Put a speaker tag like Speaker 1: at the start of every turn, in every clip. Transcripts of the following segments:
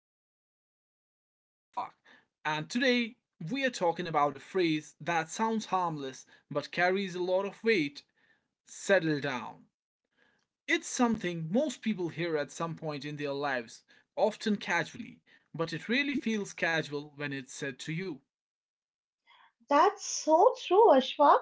Speaker 1: podcast. I'm Ashfaq, and today we are talking about a phrase that sounds harmless but carries a lot of weight settle down. It's something most people hear at some point in their lives, often casually, but it really feels casual when it's said to you.
Speaker 2: That's so true, Ashfaq.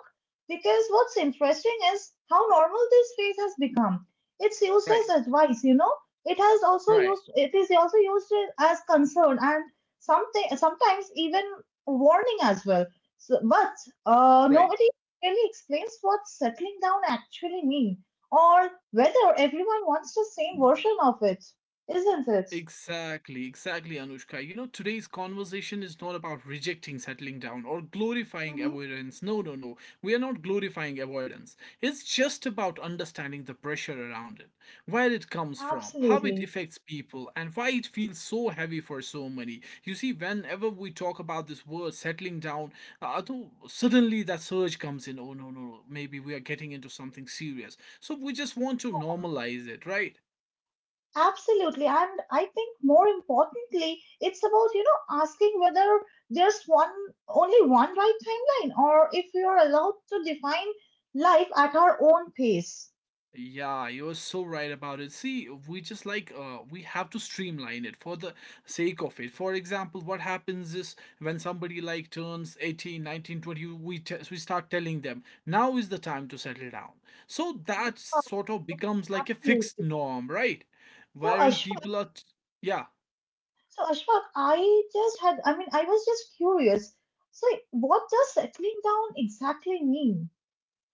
Speaker 2: Because what's interesting is how normal this phrase has become. It's used
Speaker 1: Right,
Speaker 2: as advice. It has also
Speaker 1: right,
Speaker 2: used. It is also used as concern and something sometimes even warning as well. So, but
Speaker 1: right.
Speaker 2: nobody really explains what settling down actually mean, or whether everyone wants the same version of it, isn't it?
Speaker 1: Exactly, exactly, Anushka. You know, today's conversation is not about rejecting settling down or glorifying
Speaker 2: Hmm.
Speaker 1: avoidance. No, no, no. We are not glorifying avoidance. It's just about understanding the pressure around it, where it comes from, how it
Speaker 2: Absolutely.
Speaker 1: affects people, and why it feels so heavy for so many. You see, whenever we talk about this word settling down, though suddenly that surge comes in. Oh, no, no, no. Maybe we are getting into something serious. So we just want to normalize it, right?
Speaker 2: Absolutely. And I think more importantly, it's about, asking whether there's one only one right timeline or if we are allowed to define life at our own pace.
Speaker 1: Yeah, you're so right about it. See, we just like we have to streamline it for the sake of it. For example, what happens is when somebody like turns 18, 19, 20, we start telling them, now is the time to settle down. So that
Speaker 2: Oh,
Speaker 1: sort of becomes like a fixed
Speaker 2: absolutely.
Speaker 1: norm, right?
Speaker 2: So
Speaker 1: Wherein
Speaker 2: Ashfaq,
Speaker 1: people are t- yeah,
Speaker 2: so Ashfaq, I mean, I was just curious. So what does settling down exactly mean?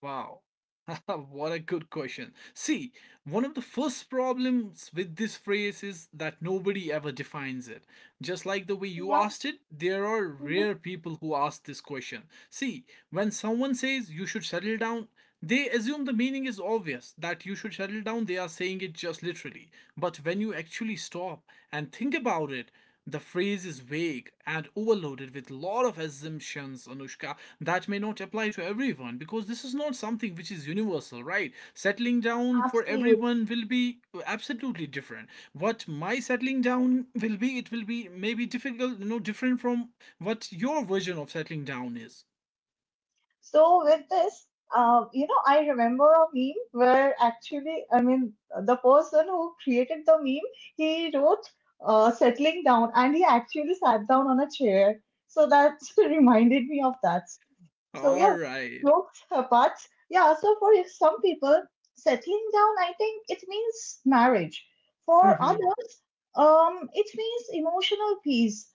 Speaker 1: Wow. what a good question. See, one of the first problems with this phrase is that nobody ever defines it. Just like the way you
Speaker 2: Yeah.
Speaker 1: asked it, there are rare people who ask this question. See, when someone says you should settle down, they assume the meaning is obvious, that you should settle down. They are saying it just literally. But when you actually stop and think about it, the phrase is vague and overloaded with a lot of assumptions, Anushka, that may not apply to everyone because this is not something which is universal, right? Settling down for
Speaker 2: Hmm.
Speaker 1: everyone will be absolutely different. What my settling down will be, it will be maybe difficult, you know, different from what your version of settling down is.
Speaker 2: So with this, I remember a meme where actually, I mean, the person who created the meme, he wrote settling down and he actually sat down on a chair. So that reminded me of that. So
Speaker 1: All
Speaker 2: yeah,
Speaker 1: right.
Speaker 2: jokes apart. Yeah, so for some people, settling down, I think it means marriage. For
Speaker 1: Mm-hmm.
Speaker 2: others, it means emotional peace,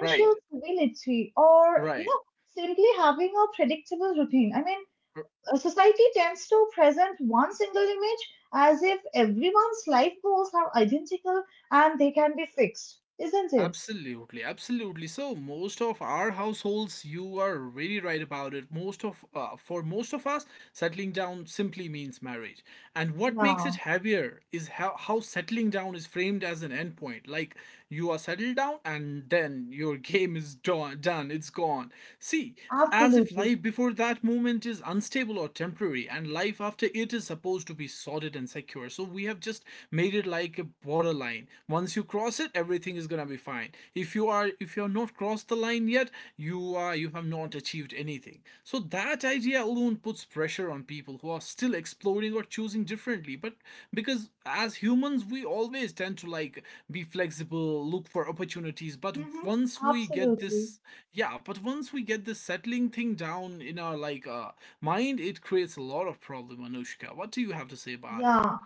Speaker 1: Right.
Speaker 2: stability, or
Speaker 1: Right.
Speaker 2: simply having a predictable routine. I mean,
Speaker 1: r-
Speaker 2: society tends to present one single image as if everyone's life goals are identical and they can be fixed, isn't it?
Speaker 1: Absolutely, absolutely. So most of our households, you are very right about it. Most of for most of us, settling down simply means marriage. And what makes it
Speaker 2: Yeah,
Speaker 1: heavier is how settling down is framed as an endpoint. Like you are settled down, and then your game is done. Done. It's gone. See, as if
Speaker 2: absolutely.
Speaker 1: life before that moment is unstable or temporary and life after it is supposed to be solid and secure, so we have just made it like a borderline. Once you cross it, everything is going to be fine. If you are, if you are not crossed the line yet, you are, you have not achieved anything. So that idea alone puts pressure on people who are still exploring or choosing differently, but because as humans we always tend to like be flexible, look for opportunities, but
Speaker 2: Mm-hmm.
Speaker 1: once we get
Speaker 2: Absolutely.
Speaker 1: this yeah, but once we get this settling thing down in our like mind, it creates a lot of problem, Anushka. What do you have to say about it?
Speaker 2: Yeah,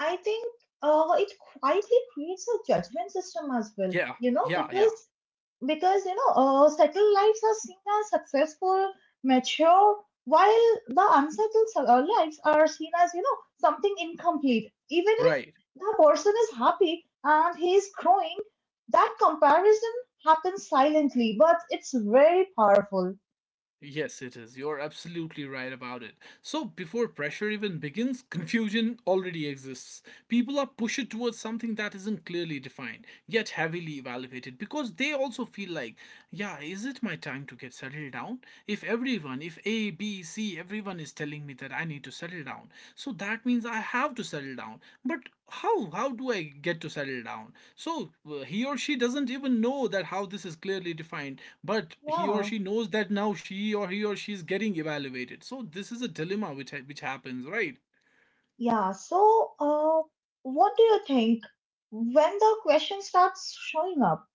Speaker 2: I think it quietly creates a judgment system as well,
Speaker 1: Yeah,
Speaker 2: you know,
Speaker 1: yeah, yeah.
Speaker 2: because because settled lives are seen as successful, mature, while the unsettled lives are seen as something incomplete. Even if
Speaker 1: Right.
Speaker 2: the person is happy and he is growing, that comparison happens silently, but it's very powerful.
Speaker 1: Yes, it is. You're absolutely right about it. So, before pressure even begins, confusion already exists. People are pushed towards something that isn't clearly defined, yet heavily evaluated, because they also feel like, yeah, is it my time to get settled down? If everyone, if A, B, C, everyone is telling me that I need to settle down, so that means I have to settle down. But how do I get to settle down, so he or she doesn't even know that how this is clearly defined, but he or
Speaker 2: Yeah,
Speaker 1: she knows that now she or he or she is getting evaluated. So this is a dilemma which happens, right?
Speaker 2: yeah. So, what do you think when the question starts showing up?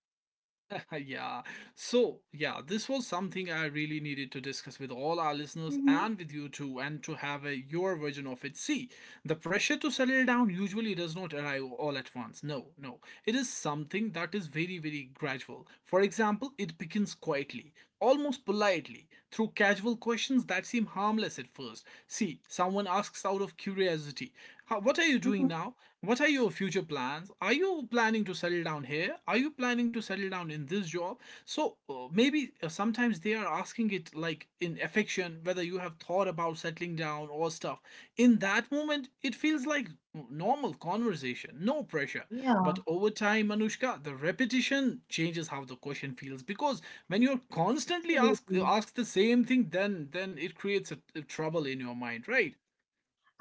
Speaker 1: yeah, so yeah, this was something I really needed to discuss with all our listeners
Speaker 2: Mm-hmm.
Speaker 1: and with you too, and to have a your version of it. See, the pressure to settle down usually does not arrive all at once. No, no, it is something that is very gradual. For example, it begins quietly, almost politely, through casual questions that seem harmless at first. See, someone asks out of curiosity, What are you doing
Speaker 2: Mm-hmm.
Speaker 1: now? What are your future plans? Are you planning to settle down here? Are you planning to settle down in this job?" So maybe sometimes they are asking it like in affection, whether you have thought about settling down or stuff. In that moment, it feels like normal conversation, no pressure.
Speaker 2: Yeah,
Speaker 1: But over time, Anushka, the repetition changes how the question feels, because when you're constantly asked
Speaker 2: absolutely.
Speaker 1: asked the same thing, then it creates a trouble in your mind, right?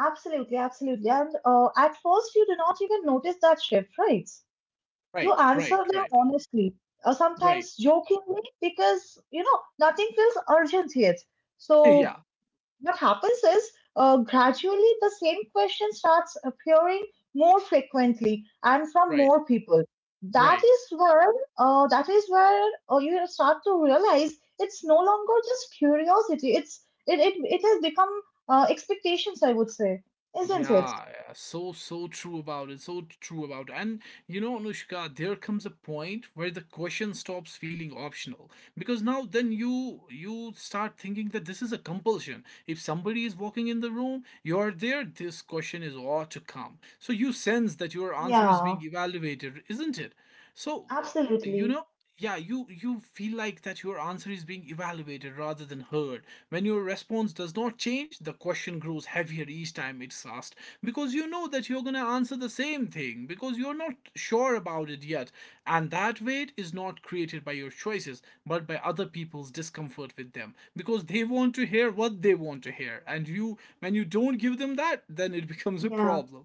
Speaker 2: Absolutely, absolutely. And at first, you do not even notice that shift, right? You
Speaker 1: Right,
Speaker 2: answer
Speaker 1: right,
Speaker 2: them
Speaker 1: right,
Speaker 2: honestly, or
Speaker 1: right.
Speaker 2: sometimes jokingly, because, nothing feels urgent yet. So
Speaker 1: yeah,
Speaker 2: what happens is gradually the same question starts appearing more frequently and from
Speaker 1: right,
Speaker 2: more people, that
Speaker 1: right.
Speaker 2: is where that is where you start to realize it's no longer just curiosity. It has become expectations, I would say, isn't it?
Speaker 1: Yeah, yeah, so so true about it. So true about it. And you know, Anushka, there comes a point where the question stops feeling optional, because now then you start thinking that this is a compulsion. If somebody is walking in the room, you're there, this question is ought to come. So you sense that your answer is
Speaker 2: Yeah,
Speaker 1: being evaluated, isn't it? So you
Speaker 2: absolutely.
Speaker 1: know, yeah, you feel like that your answer is being evaluated rather than heard. When your response does not change, the question grows heavier each time it's asked, because you know that you're going to answer the same thing, because you're not sure about it yet, and that weight is not created by your choices but by other people's discomfort with them, because they want to hear what they want to hear, and you, when you don't give them that, then it becomes a
Speaker 2: Yeah.
Speaker 1: problem.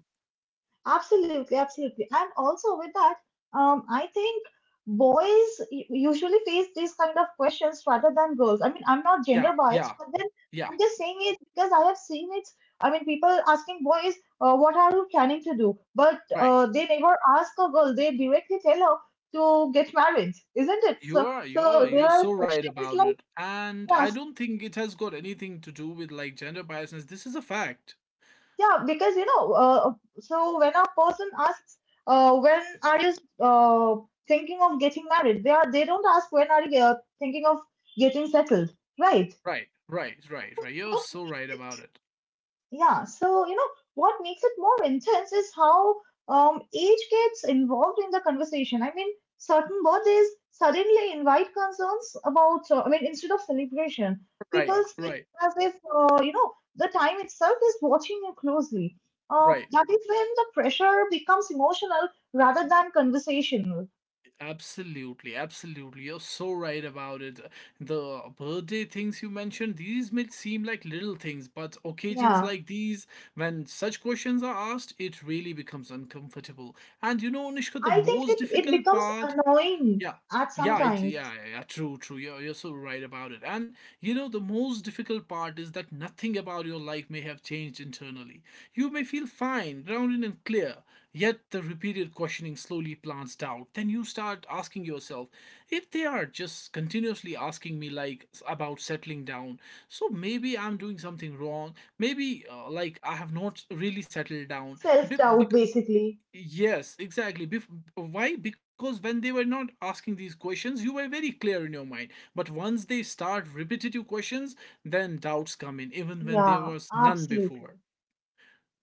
Speaker 2: Absolutely, absolutely. And also with that, I think boys usually face these kind of questions rather than girls. I mean, I'm not
Speaker 1: Yeah,
Speaker 2: gender
Speaker 1: yeah,
Speaker 2: biased, but then
Speaker 1: yeah,
Speaker 2: I'm just saying it because I have seen it. I mean, people asking boys, what are you planning to do? But
Speaker 1: right.
Speaker 2: they never ask a girl. They directly tell her to get married, isn't it?
Speaker 1: You
Speaker 2: So,
Speaker 1: are,
Speaker 2: so
Speaker 1: you're
Speaker 2: their
Speaker 1: so right
Speaker 2: question is
Speaker 1: about
Speaker 2: like,
Speaker 1: it. And I
Speaker 2: yeah.
Speaker 1: don't think it has got anything to do with like gender biasness. This is a fact.
Speaker 2: Yeah, because so when a person asks, when are you uh, thinking of getting married? They don't ask when are you thinking of getting settled, right?
Speaker 1: Right, right, right, right. You're
Speaker 2: But
Speaker 1: so right about it.
Speaker 2: yeah, so you know what makes it more intense is how age gets involved in the conversation. I mean, certain birthdays suddenly invite concerns about. I mean, instead of celebration, people
Speaker 1: Right,
Speaker 2: speak
Speaker 1: right,
Speaker 2: as if the time itself is watching you closely.
Speaker 1: right.
Speaker 2: That is when the pressure becomes emotional rather than conversational.
Speaker 1: Absolutely, absolutely. You're so right about it. The birthday things you mentioned, these may seem like little things, but occasions
Speaker 2: Yeah,
Speaker 1: like these, when such questions are asked, it really becomes uncomfortable. And you know, Nishka, the
Speaker 2: I think
Speaker 1: most
Speaker 2: it
Speaker 1: difficult
Speaker 2: becomes
Speaker 1: part.
Speaker 2: annoying
Speaker 1: Yeah.
Speaker 2: at
Speaker 1: Yeah, it
Speaker 2: sometimes.
Speaker 1: yeah, yeah, yeah, true, true. You're so right about it. And you know, the most difficult part is that nothing about your life may have changed internally. You may feel fine, grounded and clear, yet the repeated questioning slowly plants doubt. Then you start asking yourself, if they are just continuously asking me like about settling down, so maybe I'm doing something wrong. Maybe like I have not really settled down.
Speaker 2: Self
Speaker 1: Be- be-
Speaker 2: doubt, basically.
Speaker 1: Yes, exactly. Why? Because when they were not asking these questions, you were very clear in your mind. But once they start repetitive questions, then doubts come in, even when there
Speaker 2: Yeah,
Speaker 1: was none before.
Speaker 2: absolutely.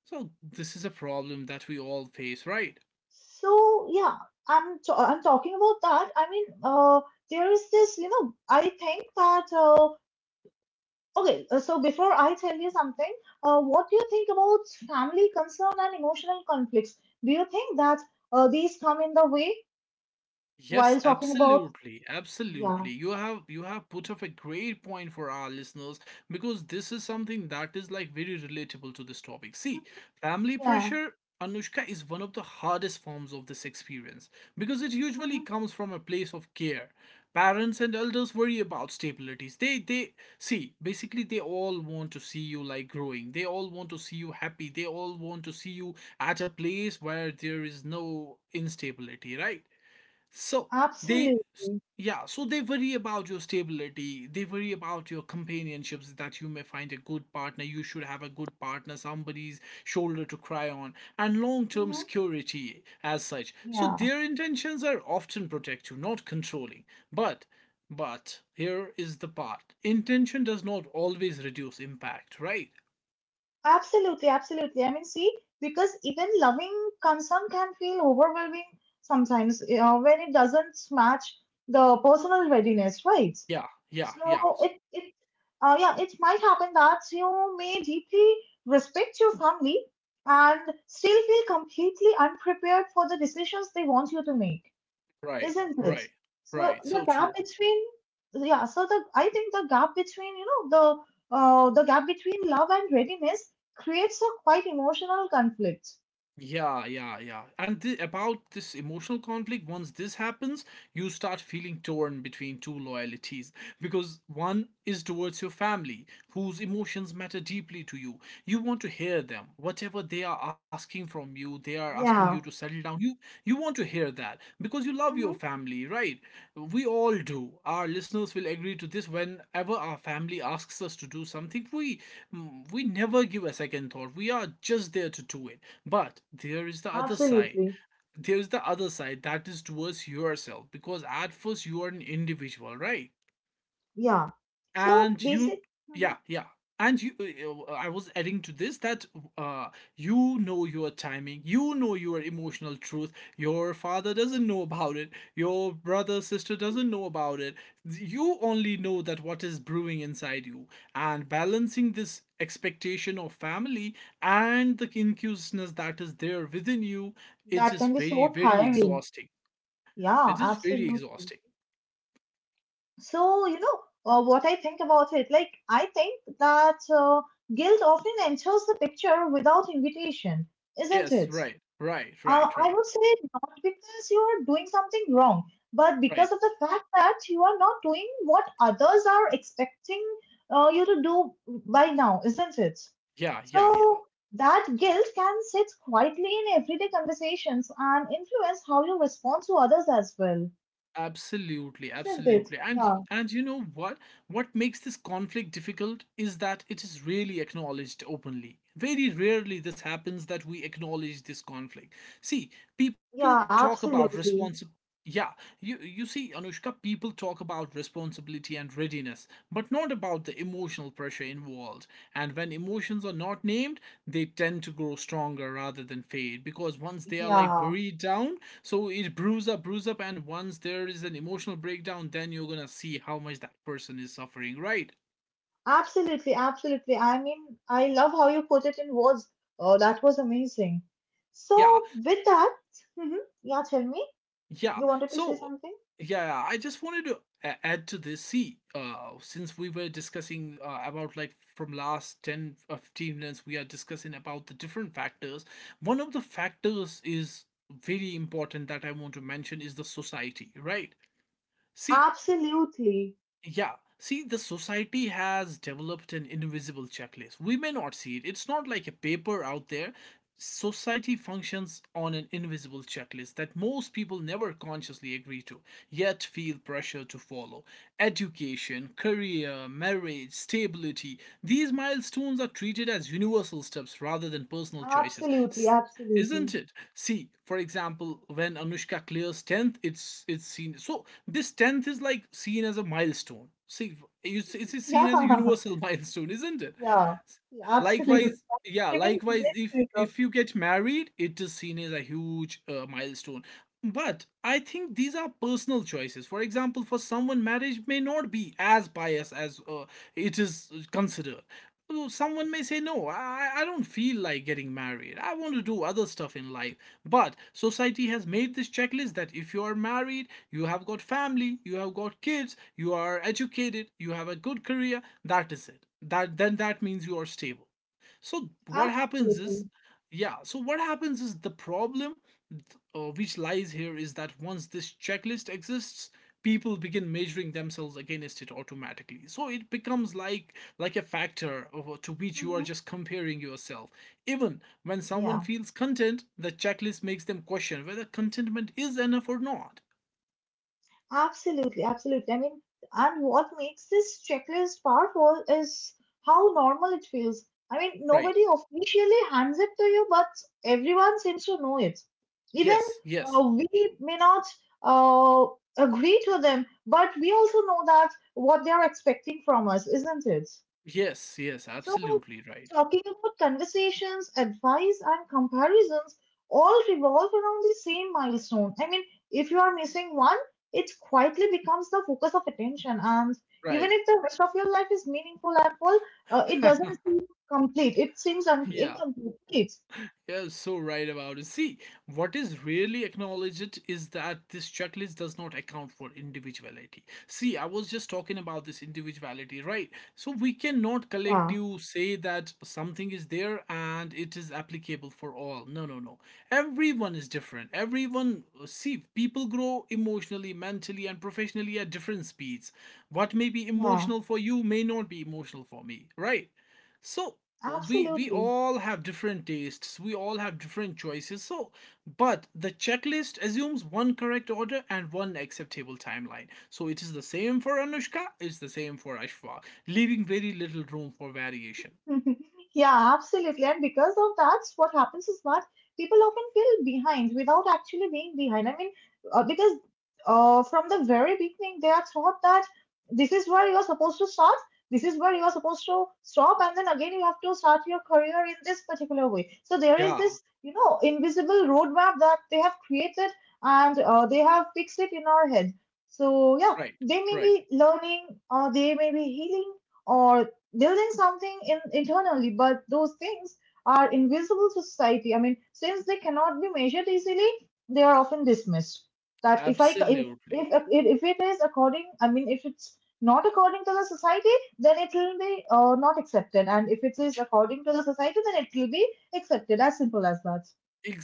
Speaker 1: So, this is a problem that we all face, right?
Speaker 2: So yeah, I'm talking about that. I mean, there is this, I think that okay. So before I tell you something, what do you think about family concern and emotional conflicts? Do you think that these come in the way
Speaker 1: Yes,
Speaker 2: while talking about.
Speaker 1: absolutely,
Speaker 2: Yeah,
Speaker 1: absolutely. You have put up a great point for our listeners, because this is something that is like very relatable to this topic. See, family
Speaker 2: yeah.
Speaker 1: pressure, Anushka, is one of the hardest forms of this experience, because it
Speaker 2: Hmm.
Speaker 1: usually comes from a place of care. Parents and elders worry about stabilities. They see, basically they all want to see you like growing. They all want to see you happy. They all want to see you at a place where there is no instability, right? So they,
Speaker 2: Absolutely.
Speaker 1: yeah, so they worry about your stability. They worry about your companionships, that you may find a good partner. You should have a good partner, somebody's shoulder to cry on, and long term
Speaker 2: Hmm.
Speaker 1: security as such. So
Speaker 2: Yeah.
Speaker 1: their intentions are often protective, not controlling. But but here is the part. Intention does not always reduce impact, right?
Speaker 2: Absolutely, absolutely. I mean, see, because even loving concern can feel overwhelming sometimes, when it doesn't match the personal readiness, right?
Speaker 1: Yeah, yeah,
Speaker 2: So
Speaker 1: yeah.
Speaker 2: it yeah, it might happen that you may deeply respect your family and still feel completely unprepared for the decisions they want you to make,
Speaker 1: Right,
Speaker 2: isn't it?
Speaker 1: right,
Speaker 2: So
Speaker 1: right.
Speaker 2: the
Speaker 1: So
Speaker 2: gap
Speaker 1: true.
Speaker 2: between yeah, so the I think the gap between love and readiness creates a quite emotional conflict.
Speaker 1: Yeah, yeah, yeah. And the, about this emotional conflict, once this happens, you start feeling torn between two loyalties, because one is towards your family, whose emotions matter deeply to you. You want to hear them. Whatever they are asking from you, they are asking you to
Speaker 2: Yeah.
Speaker 1: settle down. You want to hear that because you love your
Speaker 2: Hmm.
Speaker 1: family, right? We all do. Our listeners will agree to this. Whenever our family asks us to do something, we mm, we never give a second thought. We are just there to do it. But there is the other side,
Speaker 2: Absolutely.
Speaker 1: that is towards yourself, because at first you are an individual, right?
Speaker 2: Yeah. So
Speaker 1: And you,
Speaker 2: basic.
Speaker 1: yeah,
Speaker 2: Mhm.
Speaker 1: yeah, and you I was adding to this that uh, you know your timing, you know your emotional truth, your father doesn't know about it, your brother sister doesn't know about it, you only know that what is brewing inside you, and balancing this expectation of family and the inquisitiveness that is there within you, it
Speaker 2: That
Speaker 1: is
Speaker 2: can be
Speaker 1: very
Speaker 2: so
Speaker 1: very
Speaker 2: tiring.
Speaker 1: exhausting.
Speaker 2: Yeah,
Speaker 1: It is very
Speaker 2: absolutely.
Speaker 1: exhausting.
Speaker 2: So you know what I think about it. Like I think that guilt often enters the picture without invitation, isn't
Speaker 1: Yes,
Speaker 2: it?
Speaker 1: right, right, right,
Speaker 2: I
Speaker 1: right,
Speaker 2: would say not because you are doing something wrong, but
Speaker 1: right.
Speaker 2: because of the fact that you are not doing what others are expecting you to do by now, isn't it?
Speaker 1: Yeah.
Speaker 2: So that guilt can sit quietly in everyday conversations and influence how you respond to others as well,
Speaker 1: Absolutely,
Speaker 2: isn't it?
Speaker 1: absolutely. And
Speaker 2: Yeah,
Speaker 1: and you know what makes this conflict difficult is that it is rarely acknowledged openly. Very rarely this happens that we acknowledge this conflict. See, people
Speaker 2: yeah,
Speaker 1: talk about
Speaker 2: absolutely.
Speaker 1: responsibility. Yeah, you see, Anushka, people talk about responsibility and readiness, but not about the emotional pressure involved. And when emotions are not named, they tend to grow stronger rather than fade because once they are like
Speaker 2: Yeah.
Speaker 1: buried down, so it brews up, and once there is an emotional breakdown, then you're gonna see how much that person is suffering, right?
Speaker 2: Absolutely, absolutely. I mean, I love how you put it in words. Oh, that was amazing.
Speaker 1: Yeah,
Speaker 2: So, with that, hmm yeah, tell me,
Speaker 1: yeah.
Speaker 2: you wanted to say
Speaker 1: So,
Speaker 2: something?
Speaker 1: yeah, I just wanted to add to this. See, since we were discussing about like from last 10 or 15 minutes, we are discussing about the different factors. One of the factors is very important that I want to mention is the society, right? See,
Speaker 2: Absolutely,
Speaker 1: yeah. See, the society has developed an invisible checklist. We may not see it. It's not like a paper out there. Society functions on an invisible checklist that most people never consciously agree to, yet feel pressure to follow. Education, career, marriage, stability, these milestones are treated as universal steps rather than personal choices.
Speaker 2: absolutely, absolutely.
Speaker 1: Isn't it? See, for example, when Anushka clears 10th, it's seen, so this 10th is like seen as a milestone. See, it's seen as a universal milestone, isn't it?
Speaker 2: Yeah, yeah, yeah, absolutely.
Speaker 1: Likewise, yeah,
Speaker 2: Even
Speaker 1: likewise, if
Speaker 2: related to it.
Speaker 1: if you get married, it is seen as a huge milestone, but I think these are personal choices. For example, for someone marriage may not be as biased as it is considered. So someone may say no, I don't feel like getting married, I want to do other stuff in life, but society has made this checklist that if you are married, you have got family, you have got kids, you are educated, you have a good career, that is it, that then that means you are stable. So what happens is,
Speaker 2: Absolutely.
Speaker 1: yeah. So what happens is the problem, which lies here, is that once this checklist exists, people begin measuring themselves against it automatically. So it becomes like a factor of, to which you are
Speaker 2: Hmm.
Speaker 1: just comparing yourself. Even when someone
Speaker 2: Yeah.
Speaker 1: feels content, the checklist makes them question whether contentment is enough or not.
Speaker 2: Absolutely, absolutely. I mean, and what makes this checklist powerful is how normal it feels. I mean,
Speaker 1: Right.
Speaker 2: nobody officially hands it to you, but everyone seems to know it. Even
Speaker 1: Yes. Yes.
Speaker 2: we may not uh, agree to them, but we also know that what they are expecting from us, isn't it?
Speaker 1: Yes. Yes.
Speaker 2: So,
Speaker 1: Absolutely right.
Speaker 2: talking about conversations, advice, and comparisons all revolve around the same milestone. I mean, if you are missing one, it quietly becomes the focus of attention. And even
Speaker 1: Right.
Speaker 2: if the rest of your life is meaningful and full, it doesn't seem complete. It seems
Speaker 1: Yeah.
Speaker 2: incomplete.
Speaker 1: Yeah, so right about it. See, what is really acknowledged is that this checklist does not account for individuality. See, I was just talking about this individuality, right? So we cannot collect
Speaker 2: Yeah,
Speaker 1: you say that something is there and it is applicable for all. No, no, no. Everyone is different. Everyone, see, people grow emotionally, mentally, and professionally at different speeds. What may be
Speaker 2: yeah,
Speaker 1: emotional for you may not be emotional for me, right? So we
Speaker 2: absolutely.
Speaker 1: all have different tastes, we all have different choices, so but the checklist assumes one correct order and one acceptable timeline, so it is the same for Anushka, it's the same for Ashfaq, leaving very little room for variation.
Speaker 2: Yeah, absolutely. And because of that, what happens is that people often feel behind without actually being behind. I mean, because from the very beginning, they are taught that this is where you are supposed to start, this is where you are supposed to stop, and then again you have to start your career in this particular way. So there is
Speaker 1: Yeah,
Speaker 2: this, you know, invisible roadmap that they have created, and they have fixed it in our head. So yeah,
Speaker 1: right,
Speaker 2: they may
Speaker 1: right,
Speaker 2: be learning or they may be healing or building something in internally, but those things are invisible to society. I mean, since they cannot be measured easily, they are often dismissed. That if I if
Speaker 1: absolutely.
Speaker 2: if if it is according, I mean, if it's not according to the society, then it will be not accepted, and if it is
Speaker 1: Yeah.
Speaker 2: according to the society, then it will be accepted. As simple as that,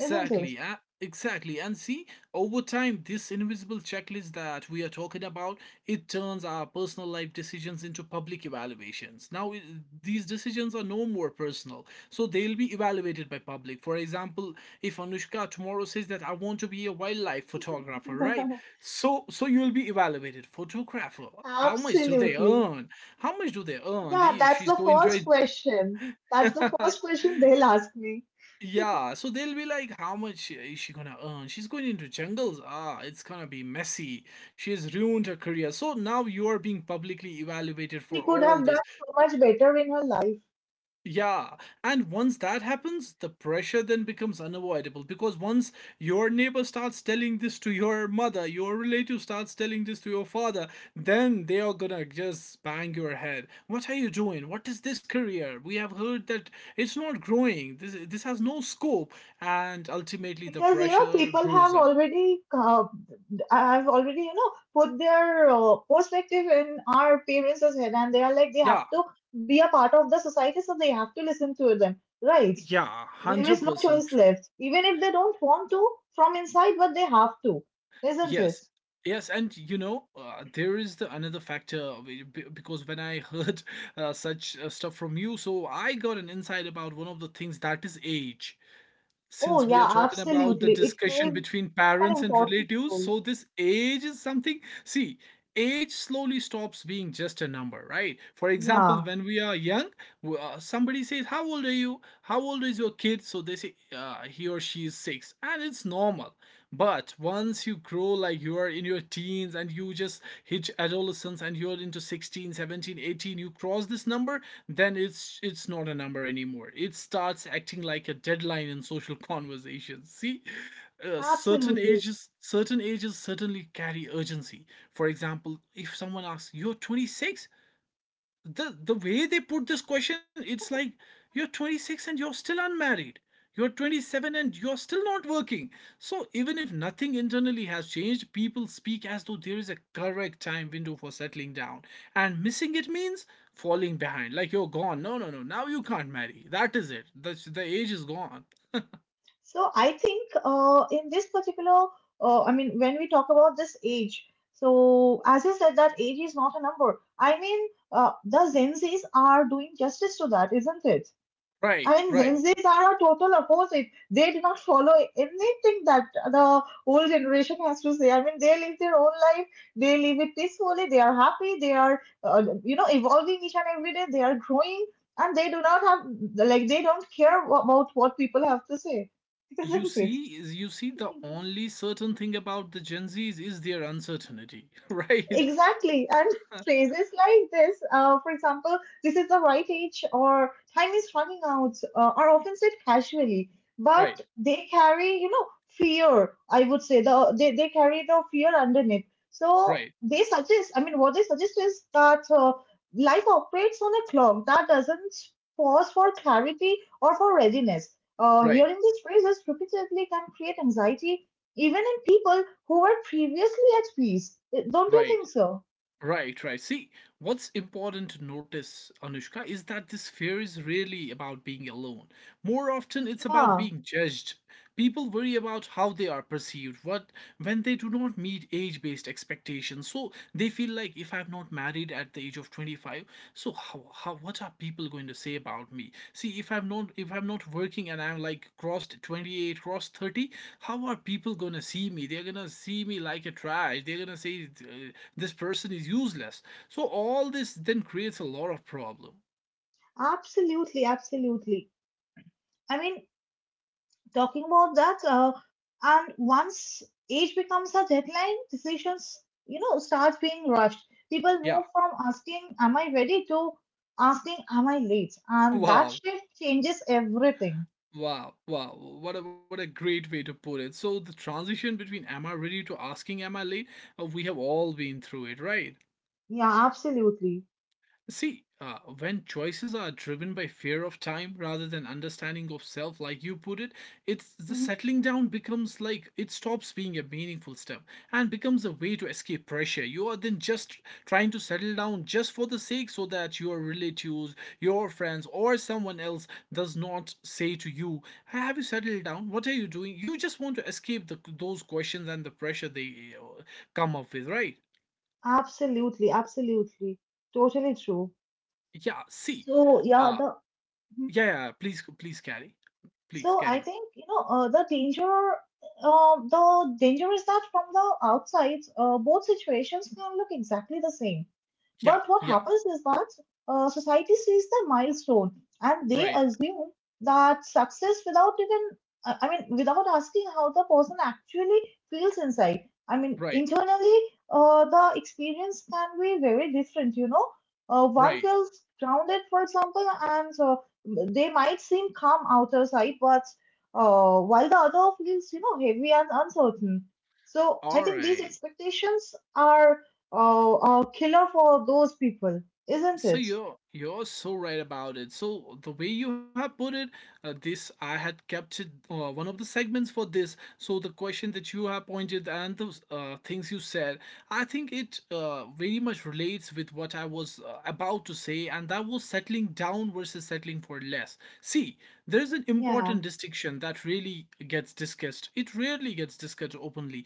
Speaker 2: isn't it?
Speaker 1: exactly. And see, over time, this invisible checklist that we are talking about, it turns our personal life decisions into public evaluations. Now, these decisions are no more personal, so they'll be evaluated by public. For example, if Anushka tomorrow says that I want to be a wildlife photographer, right? So, you'll be evaluated. Photographer, how much do they
Speaker 2: Absolutely.
Speaker 1: earn? How much do they earn?
Speaker 2: Yeah,
Speaker 1: They,
Speaker 2: that's
Speaker 1: she's
Speaker 2: the
Speaker 1: going to
Speaker 2: first question. That's the
Speaker 1: a
Speaker 2: first question they'll ask me.
Speaker 1: yeah, so they'll be like, how much is she gonna earn? She's going into jungles. Ah, it's gonna be messy. She has ruined her career. So now you are being publicly evaluated
Speaker 2: She
Speaker 1: for
Speaker 2: could
Speaker 1: all
Speaker 2: have done
Speaker 1: this.
Speaker 2: so much better in her life
Speaker 1: Yeah, and once that happens, the pressure then becomes unavoidable because once your neighbor starts telling this to your mother, your relative starts telling this to your father, then they are gonna just bang your head. What are you doing? What is this career? We have heard that it's not growing. This has no scope, and ultimately the
Speaker 2: because
Speaker 1: pressure
Speaker 2: people have
Speaker 1: brews up.
Speaker 2: already uh, have already you know put their perspective in our parents' head, and they are like they have
Speaker 1: Yeah,
Speaker 2: to be a part of the society, so they have to listen to them, right.
Speaker 1: yeah, one
Speaker 2: There is
Speaker 1: hundred
Speaker 2: no
Speaker 1: percent
Speaker 2: choice
Speaker 1: true.
Speaker 2: left, even if they don't want to from inside, but they have to, isn't it?
Speaker 1: Yes. Yes, and you know, there is the another factor of it, because when I heard such stuff from you, so I got an insight about one of the things that is age.
Speaker 2: Oh
Speaker 1: Since we are
Speaker 2: yeah,
Speaker 1: talking about the
Speaker 2: absolutely, it
Speaker 1: discussion
Speaker 2: plays
Speaker 1: between
Speaker 2: an
Speaker 1: parents and
Speaker 2: important
Speaker 1: relatives,
Speaker 2: role.
Speaker 1: so this age is something. See, age slowly stops being just a number, right? For example,
Speaker 2: Yeah,
Speaker 1: when we are young, somebody says, "How old are you? How old is your kid?" So they say, "He or she is six," and it's normal. But once you grow, like you are in your teens and you just hit adolescence and you're into 16, 17, 18, you cross this number, then it's not a number anymore. It starts acting like a deadline in social conversations. See? Certain
Speaker 2: absolutely.
Speaker 1: ages, certain ages certainly carry urgency. For example, if someone asks, "You're 26." The way they put this question, it's like, "You're 26 and you're still unmarried, you're 27 and you're still not working." So even if nothing internally has changed, people speak as though there is a correct time window for settling down, and missing it means falling behind, like you're gone, no no no, now you can't marry, that is it, the age is gone.
Speaker 2: So I think in this particular, I mean, when we talk about this age, so as I said, that age is not a number. I mean, the Gen Zs are doing justice to that, isn't it?
Speaker 1: Right,
Speaker 2: I mean,
Speaker 1: right,
Speaker 2: Gen Zs are a total opposite. They do not follow anything that the old generation has to say. I mean, they live their own life. They live it peacefully. They are happy. They are, evolving each and every day. They are growing, and they do not have like they don't care about what people have to say, isn't it?
Speaker 1: you see the only certain thing about the Gen Z's is their uncertainty. Right.
Speaker 2: Exactly. And phrases like this, for example, this is the right age or time is running out, are often said casually, but
Speaker 1: Right,
Speaker 2: they carry, fear. I would say they carry the fear underneath. So
Speaker 1: right,
Speaker 2: they suggest, I mean, what they suggest is that life operates on a clock that doesn't pause for clarity or for readiness.
Speaker 1: right.
Speaker 2: Hearing these phrases repeatedly can create anxiety even in people who were previously at peace. Don't you
Speaker 1: Right,
Speaker 2: think so?
Speaker 1: right, right. See, what's important to notice, Anushka, is that this fear is really about being alone. More often, it's about
Speaker 2: Yeah,
Speaker 1: being judged. People worry about how they are perceived, what when they do not meet age based expectations, so they feel like, if I'm not married at the age of 25, so how what are people going to say about me? See, if I'm not, if I'm not working and I'm like crossed 28, crossed 30, how are people going to see me? They're going to see me like a trash. They're going to say, this person is useless. So all this then creates a lot of problem.
Speaker 2: absolutely, absolutely. I mean, talking about that, and once age becomes a deadline, decisions, start being rushed. People
Speaker 1: Yeah.
Speaker 2: move from asking, "Am I ready?" to asking, "Am I late?" And that
Speaker 1: Wow.
Speaker 2: shift changes everything.
Speaker 1: Wow, wow, what a great way to put it. So, the transition between am I ready to asking am I late, we have all been through it, right?
Speaker 2: Yeah, absolutely.
Speaker 1: See, when choices are driven by fear of time rather than understanding of self, like you put it, it's the
Speaker 2: Mhm.
Speaker 1: settling down becomes like it stops being a meaningful step and becomes a way to escape pressure. You are then just trying to settle down just for the sake, so that your relatives, your friends, or someone else does not say to you, "Hey, have you settled down? What are you doing?" You just want to escape the, those questions and the pressure they come up with, right?
Speaker 2: Absolutely, absolutely. Totally true.
Speaker 1: Yeah. See.
Speaker 2: So, yeah,
Speaker 1: uh,
Speaker 2: the hmm.
Speaker 1: Yeah, yeah, please carry. Please
Speaker 2: So I
Speaker 1: carry on.
Speaker 2: think the danger. The danger is that from the outside, both situations can look exactly the same.
Speaker 1: Yeah,
Speaker 2: But what
Speaker 1: yeah.
Speaker 2: happens is that society sees the milestone, and they
Speaker 1: Right.
Speaker 2: assume that success without even, I mean, without asking how the person actually feels inside. I mean,
Speaker 1: Right.
Speaker 2: internally, the experience can be very different. One
Speaker 1: Right.
Speaker 2: feels grounded, for example, and they might seem calm outer side, but while the other feels, heavy and uncertain. So I
Speaker 1: All
Speaker 2: think these
Speaker 1: right.
Speaker 2: expectations are, oh, a killer for those people, isn't
Speaker 1: So
Speaker 2: it?
Speaker 1: you're so right about it. So the way you have put it, this I had captured one of the segments for this. So the question that you have pointed and those things you said, I think it very much relates with what I was about to say, and that was settling down versus settling for less. See, there's an
Speaker 2: Yeah.
Speaker 1: important distinction that really gets discussed. It rarely gets discussed openly.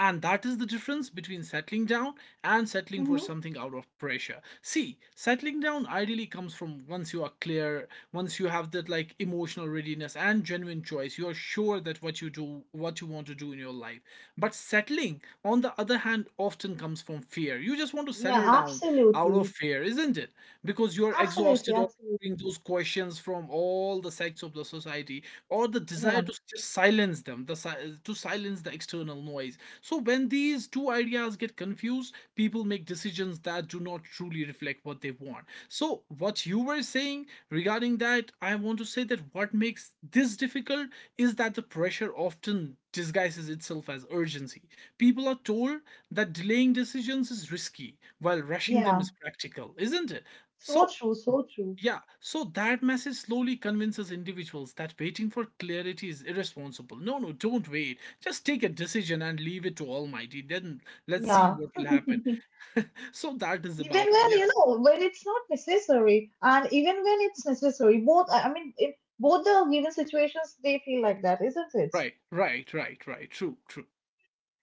Speaker 1: And that is the difference between settling down and settling for
Speaker 2: Mm-hmm.
Speaker 1: something out of pressure. See, settling down ideally comes from once you are clear, once you have that like emotional readiness and genuine choice, you are sure that what you do, what you want to do in your life. But settling, on the other hand, often comes from fear. You just want to
Speaker 2: Yeah,
Speaker 1: settle down out of
Speaker 2: absolutely.
Speaker 1: fear, isn't it? Because you're
Speaker 2: Absolutely,
Speaker 1: exhausted of
Speaker 2: absolutely.
Speaker 1: hearing those questions from all the sects of the society, or the desire
Speaker 2: Yeah,
Speaker 1: to just silence them, to silence the external noise. So when these two ideas get confused, people make decisions that do not truly reflect what they want. So what you were saying regarding that, I want to say that what makes this difficult is that the pressure often disguises itself as urgency. People are told that delaying decisions is risky while rushing them
Speaker 2: yeah.
Speaker 1: is practical, isn't it?
Speaker 2: So
Speaker 1: So,
Speaker 2: true, so true.
Speaker 1: yeah, so that message slowly convinces individuals that waiting for clarity is irresponsible. No, no, don't wait. Just take a decision and leave it to Almighty. Then let's see
Speaker 2: Yeah.
Speaker 1: what will happen.
Speaker 2: Even
Speaker 1: So that is about
Speaker 2: when,
Speaker 1: it. Yeah.
Speaker 2: when it's not necessary, and even when it's necessary, both, I mean, in both the given situations, they feel like that, isn't it?
Speaker 1: Right, right, right, right. True, true.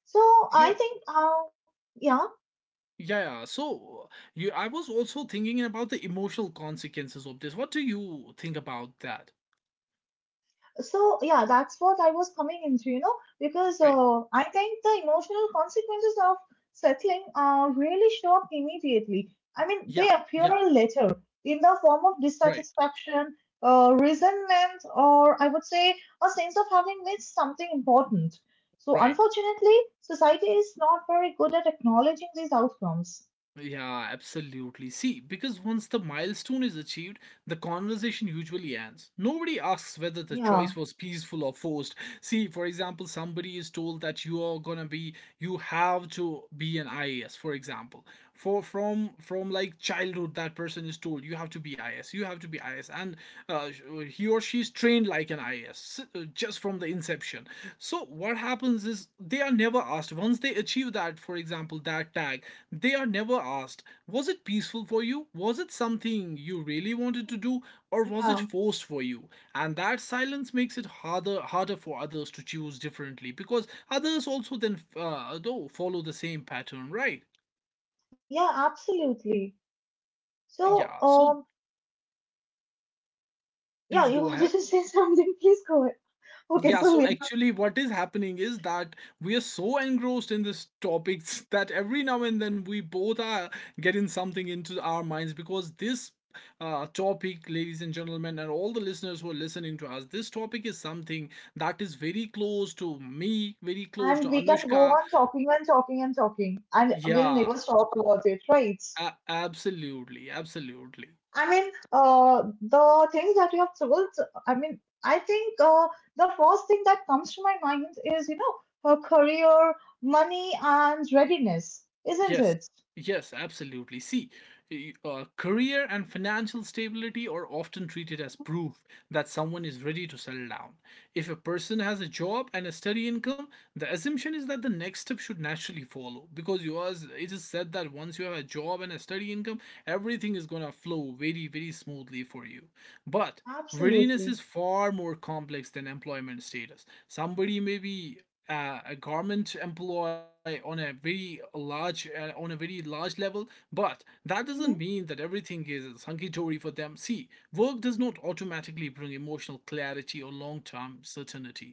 Speaker 2: So I
Speaker 1: You
Speaker 2: think, yeah,
Speaker 1: Yeah, yeah. So you I was also thinking about the emotional consequences of this. What do you think about that?
Speaker 2: so yeah, that's what I was coming into, because
Speaker 1: Right.
Speaker 2: I think the emotional consequences of settling really show up immediately. I
Speaker 1: Yeah,
Speaker 2: mean, they
Speaker 1: yeah.
Speaker 2: appear later in the form of
Speaker 1: Right,
Speaker 2: dissatisfaction, resentment, or I would say a sense of having missed something important. So
Speaker 1: right.
Speaker 2: unfortunately, society is not very good at acknowledging these outcomes.
Speaker 1: Yeah, absolutely. See, because once the milestone is achieved, the conversation usually ends. Nobody asks whether the
Speaker 2: Yeah,
Speaker 1: choice was peaceful or forced. See, for example, somebody is told that you are gonna be, you have to be an IAS, for example. For from like childhood that person is told you have to be is, you have to be is, and uh, he or she is trained like an is, just from the inception. So what happens is they are never asked once they achieve that, for example that tag, they are never asked, was it peaceful for you? Was it something you really wanted to do, or was it
Speaker 2: yeah,
Speaker 1: forced for you? And that silence makes it harder for others to choose differently, because others also then do follow the same pattern, right?
Speaker 2: yeah, absolutely. So
Speaker 1: Yeah, so
Speaker 2: yeah,
Speaker 1: please
Speaker 2: you
Speaker 1: go
Speaker 2: wanted
Speaker 1: ahead.
Speaker 2: to say something? Please go. Okay,
Speaker 1: Yeah,
Speaker 2: so
Speaker 1: so
Speaker 2: we
Speaker 1: actually, what is happening is that we are so engrossed in this topics that every now and then we both are getting something into our minds, because this topic, ladies and gentlemen, and all the listeners who are listening to us, this topic is something that is very close to me, very close to
Speaker 2: and we can go
Speaker 1: Anushka.
Speaker 2: on talking and talking and talking, and we'll
Speaker 1: Yeah,
Speaker 2: never stop about it, right?
Speaker 1: absolutely, absolutely.
Speaker 2: I mean, the things that we have traveled. I mean, I think the first thing that comes to my mind is, you know, her career, money, and readiness, isn't
Speaker 1: Yes,
Speaker 2: it?
Speaker 1: yes, absolutely. See, career and financial stability are often treated as proof that someone is ready to settle down. If a person has a job and a steady income, the assumption is that the next step should naturally follow, because you are, it is said that once you have a job and a steady income, everything is going to flow very, very smoothly for you. But readiness is
Speaker 2: Absolutely.
Speaker 1: far more complex than employment status. Somebody may be a garment employee on a very large level, but that doesn't
Speaker 2: Mm-hmm.
Speaker 1: mean that everything is hunky-dory for them. See, work does not automatically bring emotional clarity or long-term certainty.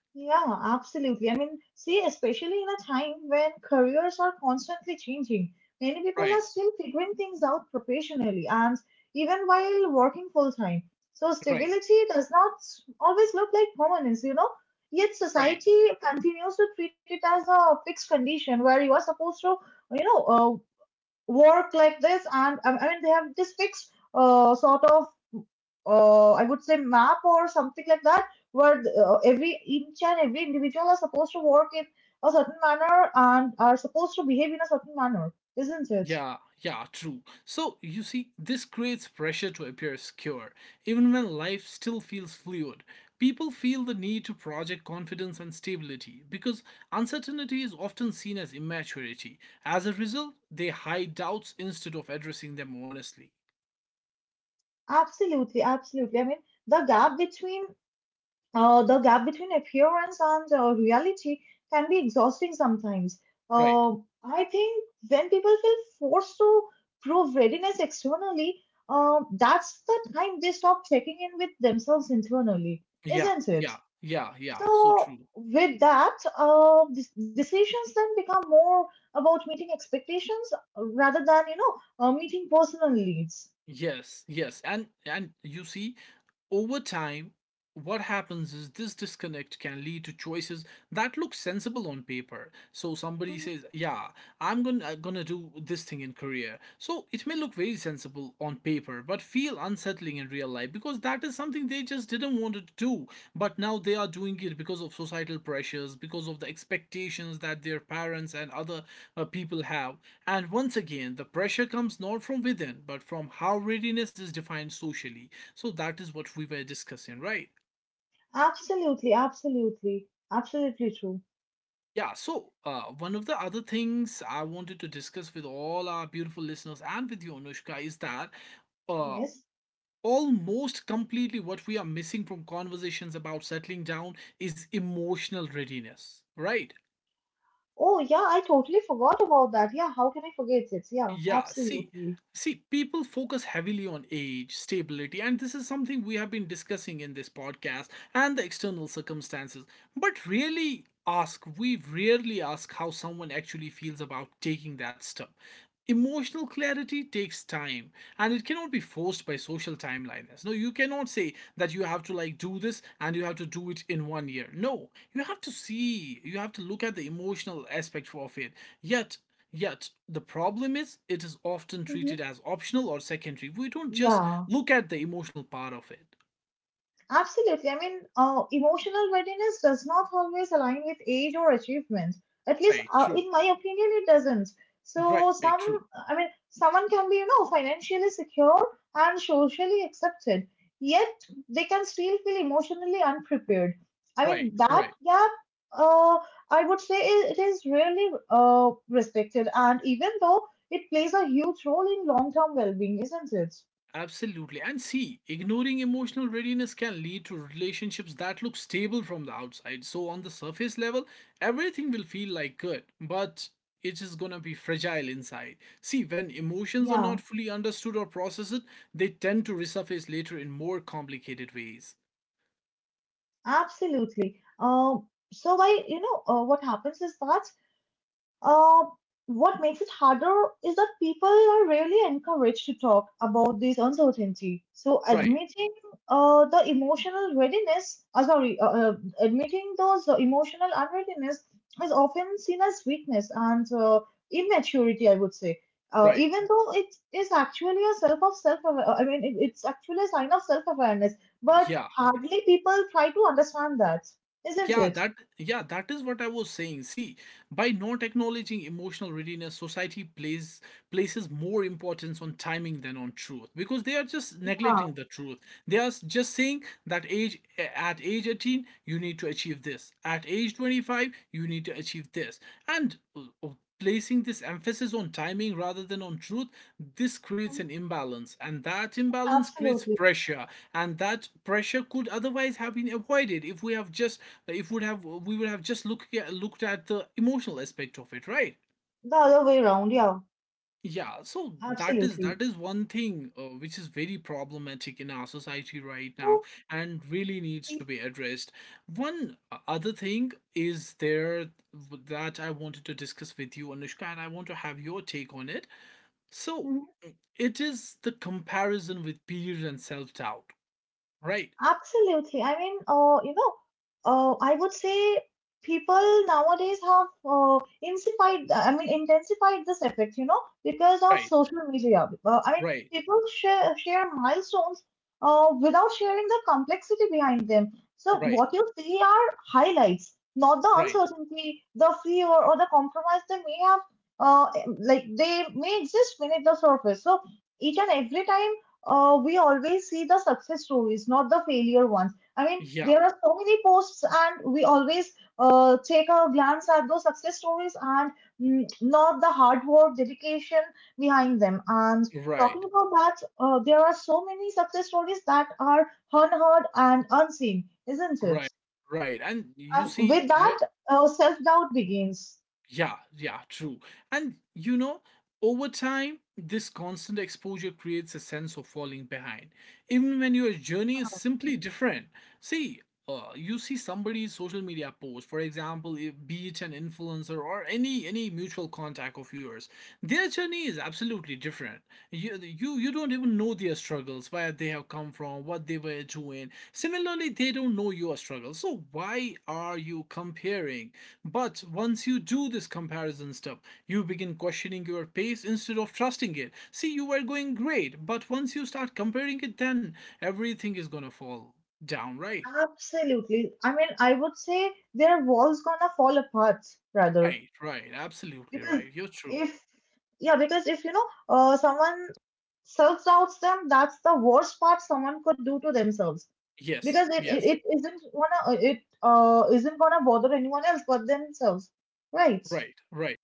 Speaker 2: Yeah, absolutely. I mean, see, especially in a time when careers are constantly changing, many people
Speaker 1: Right.
Speaker 2: are still figuring things out professionally and even while working full time. So,
Speaker 1: Right.
Speaker 2: stability does not always look like permanence, you know? Yet,
Speaker 1: Right.
Speaker 2: society continues to treat it as a fixed condition where you are supposed to, you know, work like this and I mean they have this fixed sort of I would say map or something like that where every inch and every individual are supposed to work in a certain manner and are supposed to behave in a certain manner, isn't it?
Speaker 1: Yeah, yeah, true. So, you see, this creates pressure to appear secure, even when life still feels fluid. People feel the need to project confidence and stability because uncertainty is often seen as immaturity. As a result, they hide doubts instead of addressing them honestly.
Speaker 2: Absolutely, absolutely, I mean, the gap between, the gap between appearance and reality can be exhausting sometimes.
Speaker 1: Right.
Speaker 2: Uh, I think when people feel forced to prove readiness externally, that's the time they stop checking in with themselves internally,
Speaker 1: Yeah,
Speaker 2: isn't it?
Speaker 1: yeah, yeah, yeah, so
Speaker 2: So,
Speaker 1: true.
Speaker 2: with that, decisions then become more about meeting expectations rather than, you know, meeting personal needs.
Speaker 1: Yes, yes. And you see, over time, what happens is this disconnect can lead to choices that look sensible on paper. So somebody
Speaker 2: Mhm.
Speaker 1: says, "Yeah, I'm going to do this thing in career." So it may look very sensible on paper, but feel unsettling in real life, because that is something they just didn't want to do, but now they are doing it because of societal pressures, because of the expectations that their parents and other people have. And once again, the pressure comes not from within, but from how readiness is defined socially. So that is what we were discussing, right?
Speaker 2: Absolutely, absolutely, absolutely true.
Speaker 1: Yeah, so one of the other things I wanted to discuss with all our beautiful listeners and with you, Anushka, is that uh,
Speaker 2: Yes.
Speaker 1: almost completely what we are missing from conversations about settling down is emotional readiness, right?
Speaker 2: Oh, yeah, I totally forgot about that. Yeah, how can I forget it? Yeah,
Speaker 1: Yeah, see,
Speaker 2: absolutely.
Speaker 1: see, people focus heavily on age, stability, and this is something we have been discussing in this podcast, and the external circumstances. But really ask, we rarely ask how someone actually feels about taking that step. Emotional clarity takes time, and it cannot be forced by social timelines. No, you cannot say that you have to like do this and you have to do it in 1 year. No, you have to see, you have to look at the emotional aspect of it. Yet, yet, the problem is it is often
Speaker 2: Hmm.
Speaker 1: treated as optional or secondary. We don't just
Speaker 2: Yeah.
Speaker 1: look at the emotional part of it.
Speaker 2: Absolutely. I mean, emotional readiness does not always align with age or achievement. At least,
Speaker 1: Right, true.
Speaker 2: in my opinion, it doesn't. So,
Speaker 1: Right, true.
Speaker 2: some, I mean, someone can be, you know, financially secure and socially accepted, yet they can still feel emotionally unprepared. I
Speaker 1: Right,
Speaker 2: mean, that
Speaker 1: right.
Speaker 2: gap, uh, I would say it is rarely respected, and even though it plays a huge role in long-term well-being, isn't it?
Speaker 1: Absolutely. And see, ignoring emotional readiness can lead to relationships that look stable from the outside. So, on the surface level, everything will feel like good, but it is gonna be fragile inside. See, when emotions are
Speaker 2: Yeah.
Speaker 1: not fully understood or processed, they tend to resurface later in more complicated ways.
Speaker 2: Absolutely. So why, you know, what happens is that uh, what makes it harder is that people are rarely encouraged to talk about this uncertainty. So
Speaker 1: Right,
Speaker 2: admitting the emotional readiness, sorry, admitting those emotional unreadiness is often seen as weakness and immaturity, I would say.
Speaker 1: right.
Speaker 2: Even though it is actually a self, I mean, it's actually a sign of self awareness, but
Speaker 1: Yeah,
Speaker 2: hardly people try to understand that, isn't
Speaker 1: yeah
Speaker 2: it?
Speaker 1: that yeah that is what I was saying. See, by not acknowledging emotional readiness, society plays places more importance on timing than on truth, because they are just
Speaker 2: Yeah,
Speaker 1: neglecting the truth. They are just saying that age at age 18 you need to achieve this. At age 25 you need to achieve this. And placing this emphasis on timing rather than on truth, this creates
Speaker 2: mhm,
Speaker 1: an imbalance, and that imbalance creates
Speaker 2: absolutely.
Speaker 1: pressure, and that pressure could otherwise have been avoided if we have just, if would have we would have just looked at the emotional aspect of it, right?
Speaker 2: The other way around, yeah.
Speaker 1: Yeah, so that is,
Speaker 2: Absolutely.
Speaker 1: that is one thing which is very problematic in our society right now,
Speaker 2: So,
Speaker 1: and really needs to be addressed. One other thing is there that I wanted to discuss with you, Anushka, and I want to have your take on it. So
Speaker 2: mhm.
Speaker 1: it is the comparison with peers and self-doubt. Right,
Speaker 2: Absolutely. I mean, you know, I would say people nowadays have intensified, I mean, intensified this effect, you know, because of
Speaker 1: right,
Speaker 2: social media. I mean,
Speaker 1: right,
Speaker 2: people share milestones without sharing the complexity behind them. So
Speaker 1: right,
Speaker 2: what you see are highlights, not the
Speaker 1: right.
Speaker 2: uncertainty, the fear, or the compromise they may have, uh, like they may exist beneath the surface. So each and every time we always see the success stories, not the failure ones. I mean,
Speaker 1: Yeah,
Speaker 2: there are so many posts, and we always take a glance at those success stories and not the hard work, dedication behind them. And talking
Speaker 1: right,
Speaker 2: about that, there are so many success stories that are unheard and unseen, isn't it?
Speaker 1: right. Right. And you
Speaker 2: And
Speaker 1: see,
Speaker 2: with
Speaker 1: you have
Speaker 2: that, self doubt begins.
Speaker 1: yeah, yeah, true. And you know, over time, this constant exposure creates a sense of falling behind, even when your journey is simply different. See, you see somebody's social media post, for example, if, be it an influencer or any mutual contact of yours, their journey is absolutely different. You don't even know their struggles, where they have come from, what they were doing. Similarly, they don't know your struggles, so why are you comparing? But once you do this comparison stuff, you begin questioning your pace instead of trusting it. See, you were going great, but once you start comparing it, then everything is going to fall down, right?
Speaker 2: Absolutely. I mean, I would say their walls gonna fall apart, rather.
Speaker 1: Right, right, absolutely
Speaker 2: Because
Speaker 1: right. You're true.
Speaker 2: if, yeah, because if you know someone self-doubts them, that's the worst part someone could do to themselves, because
Speaker 1: Yes,
Speaker 2: it it,
Speaker 1: yes.
Speaker 2: it isn't gonna, it isn't gonna bother anyone else but themselves, right?
Speaker 1: Right, right,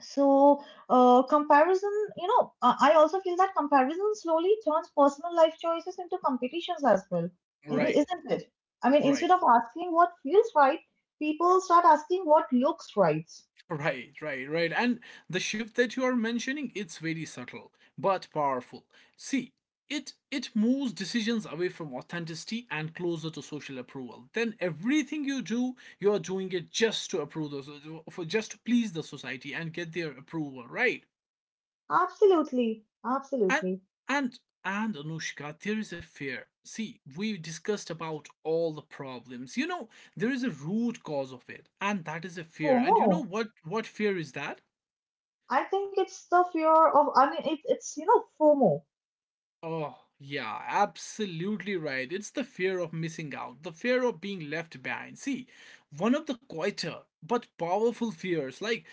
Speaker 2: So comparison, you know, I also feel that comparison slowly turns personal life choices into competitions as well,
Speaker 1: right,
Speaker 2: isn't it? I mean, instead
Speaker 1: right,
Speaker 2: of asking what feels right, people start asking what looks right.
Speaker 1: right, right, right. And the shift that you are mentioning, it's very subtle but powerful. See, it moves decisions away from authenticity and closer to social approval. Then everything you do, you're doing it just to approve the for just to please the society and get their approval, right?
Speaker 2: Absolutely,
Speaker 1: And
Speaker 2: absolutely.
Speaker 1: and Anushka, there is a fear. See, we've discussed about all the problems. You know, there is a root cause of it, and that is a fear. And you know
Speaker 2: FOMO.
Speaker 1: what fear is that?
Speaker 2: I think it's the fear of, I mean, it, it's, you know, FOMO.
Speaker 1: Oh, yeah, absolutely right. It's the fear of missing out, the fear of being left behind. See, one of the quieter but powerful fears, like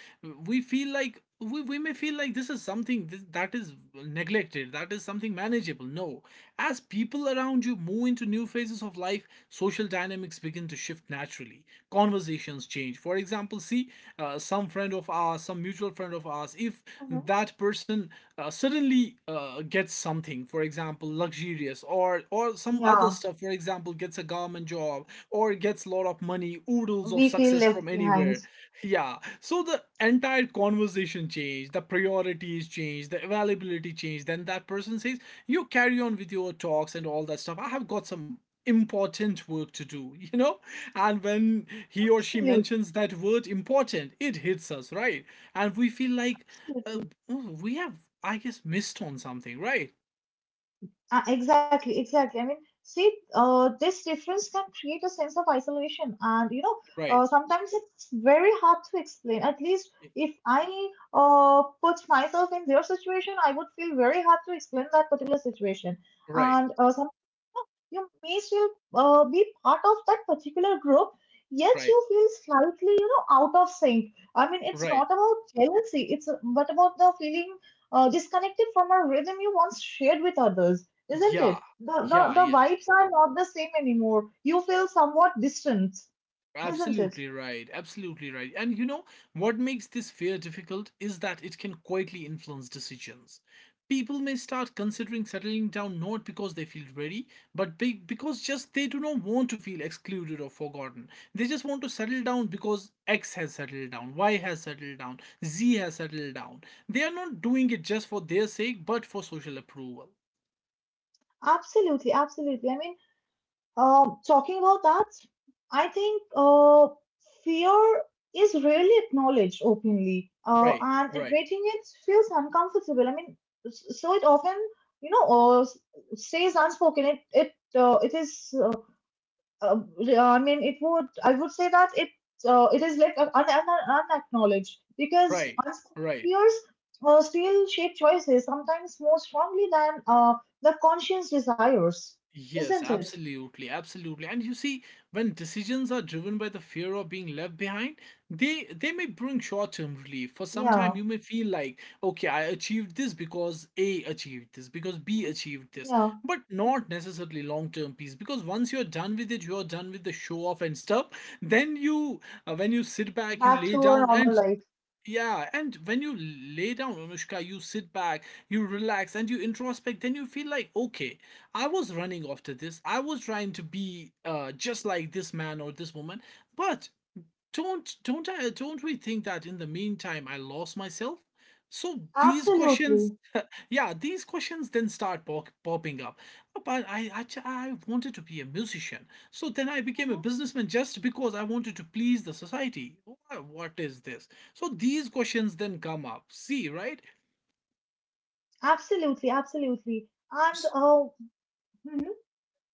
Speaker 1: we feel like we may feel like this is something that is neglected, that is something manageable. No, as people around you move into new phases of life, social dynamics begin to shift naturally. Conversations change, for example. See, some friend of ours, some mutual friend of ours, if
Speaker 2: Hmm.
Speaker 1: that person suddenly gets something, for example luxurious, or some other
Speaker 2: Yeah,
Speaker 1: stuff, for example gets a government job, or gets a lot of money, oodles of
Speaker 2: we feel
Speaker 1: success from
Speaker 2: left behind.
Speaker 1: anywhere. Yeah. So the entire conversation changed, the priorities changed, the availability changed. Then that person says, "You carry on with your talks and all that stuff. I have got some important work to do," you know? And when he or
Speaker 2: Absolutely.
Speaker 1: she mentions that word important, it hits us, right? And we feel like uh,
Speaker 2: Absolutely.
Speaker 1: oh, we have, I guess, missed on something, right?
Speaker 2: Exactly, exactly. I mean, see, this difference can create a sense of isolation, and you know,
Speaker 1: Right.
Speaker 2: sometimes it's very hard to explain. At least if I put myself in their situation, I would feel very hard to explain that particular situation.
Speaker 1: Right.
Speaker 2: And you may still be part of that particular group yet you
Speaker 1: Right.
Speaker 2: feel slightly, you know, out of sync. I mean, it's
Speaker 1: Right.
Speaker 2: not about jealousy, it's but about the feeling disconnected from a rhythm you once shared with others, isn't
Speaker 1: Yeah.
Speaker 2: it?
Speaker 1: Yeah.
Speaker 2: The
Speaker 1: Yeah.
Speaker 2: vibes are not the same anymore, you feel somewhat distant, isn't it?
Speaker 1: Absolutely right. Absolutely right. And you know, what makes this fear difficult is that it can quietly influence decisions. People may start considering settling down not because they feel ready, but because just they do not want to feel excluded or forgotten. They just want to settle down because X has settled down, Y has settled down, Z has settled down. They are not doing it just for their sake, but for social approval.
Speaker 2: Absolutely, absolutely, I mean. Talking about that, I think fear is rarely acknowledged openly,
Speaker 1: Right,
Speaker 2: and
Speaker 1: right,
Speaker 2: admitting it feels uncomfortable. I mean, so it often, you know, stays unspoken. It it is. Uh, I mean, it would. I would say that it it is like unacknowledged because
Speaker 1: right,
Speaker 2: unspoken
Speaker 1: right.
Speaker 2: fears still shape choices sometimes more strongly than the conscious desires,
Speaker 1: Yes,
Speaker 2: isn't it?
Speaker 1: absolutely, absolutely. And you see, when decisions are driven by the fear of being left behind, they may bring short-term relief. For some time,
Speaker 2: Yeah.
Speaker 1: you may feel like, okay, I achieved this because A achieved this, because B achieved this,
Speaker 2: Yeah,
Speaker 1: but not necessarily long-term peace. Because once you're done with it, you're done with the show off and stuff. Then you, when you sit back, you
Speaker 2: back
Speaker 1: lay
Speaker 2: to our
Speaker 1: down,
Speaker 2: normal
Speaker 1: and
Speaker 2: life.
Speaker 1: yeah, and when you lay down, Anushka, you sit back, you relax, and you introspect, then you feel like, okay, I was running after this. I was trying to be just like this man or this woman, but don't we think that in the meantime I lost myself? So these questions,
Speaker 2: Absolutely.
Speaker 1: yeah, these questions then start popping up. Oh, but I wanted to be a musician, so then I became a
Speaker 2: Mhm.
Speaker 1: businessman just because I wanted to please the society. What is this? So these questions then come up. See, right?
Speaker 2: Absolutely, absolutely. And mhm.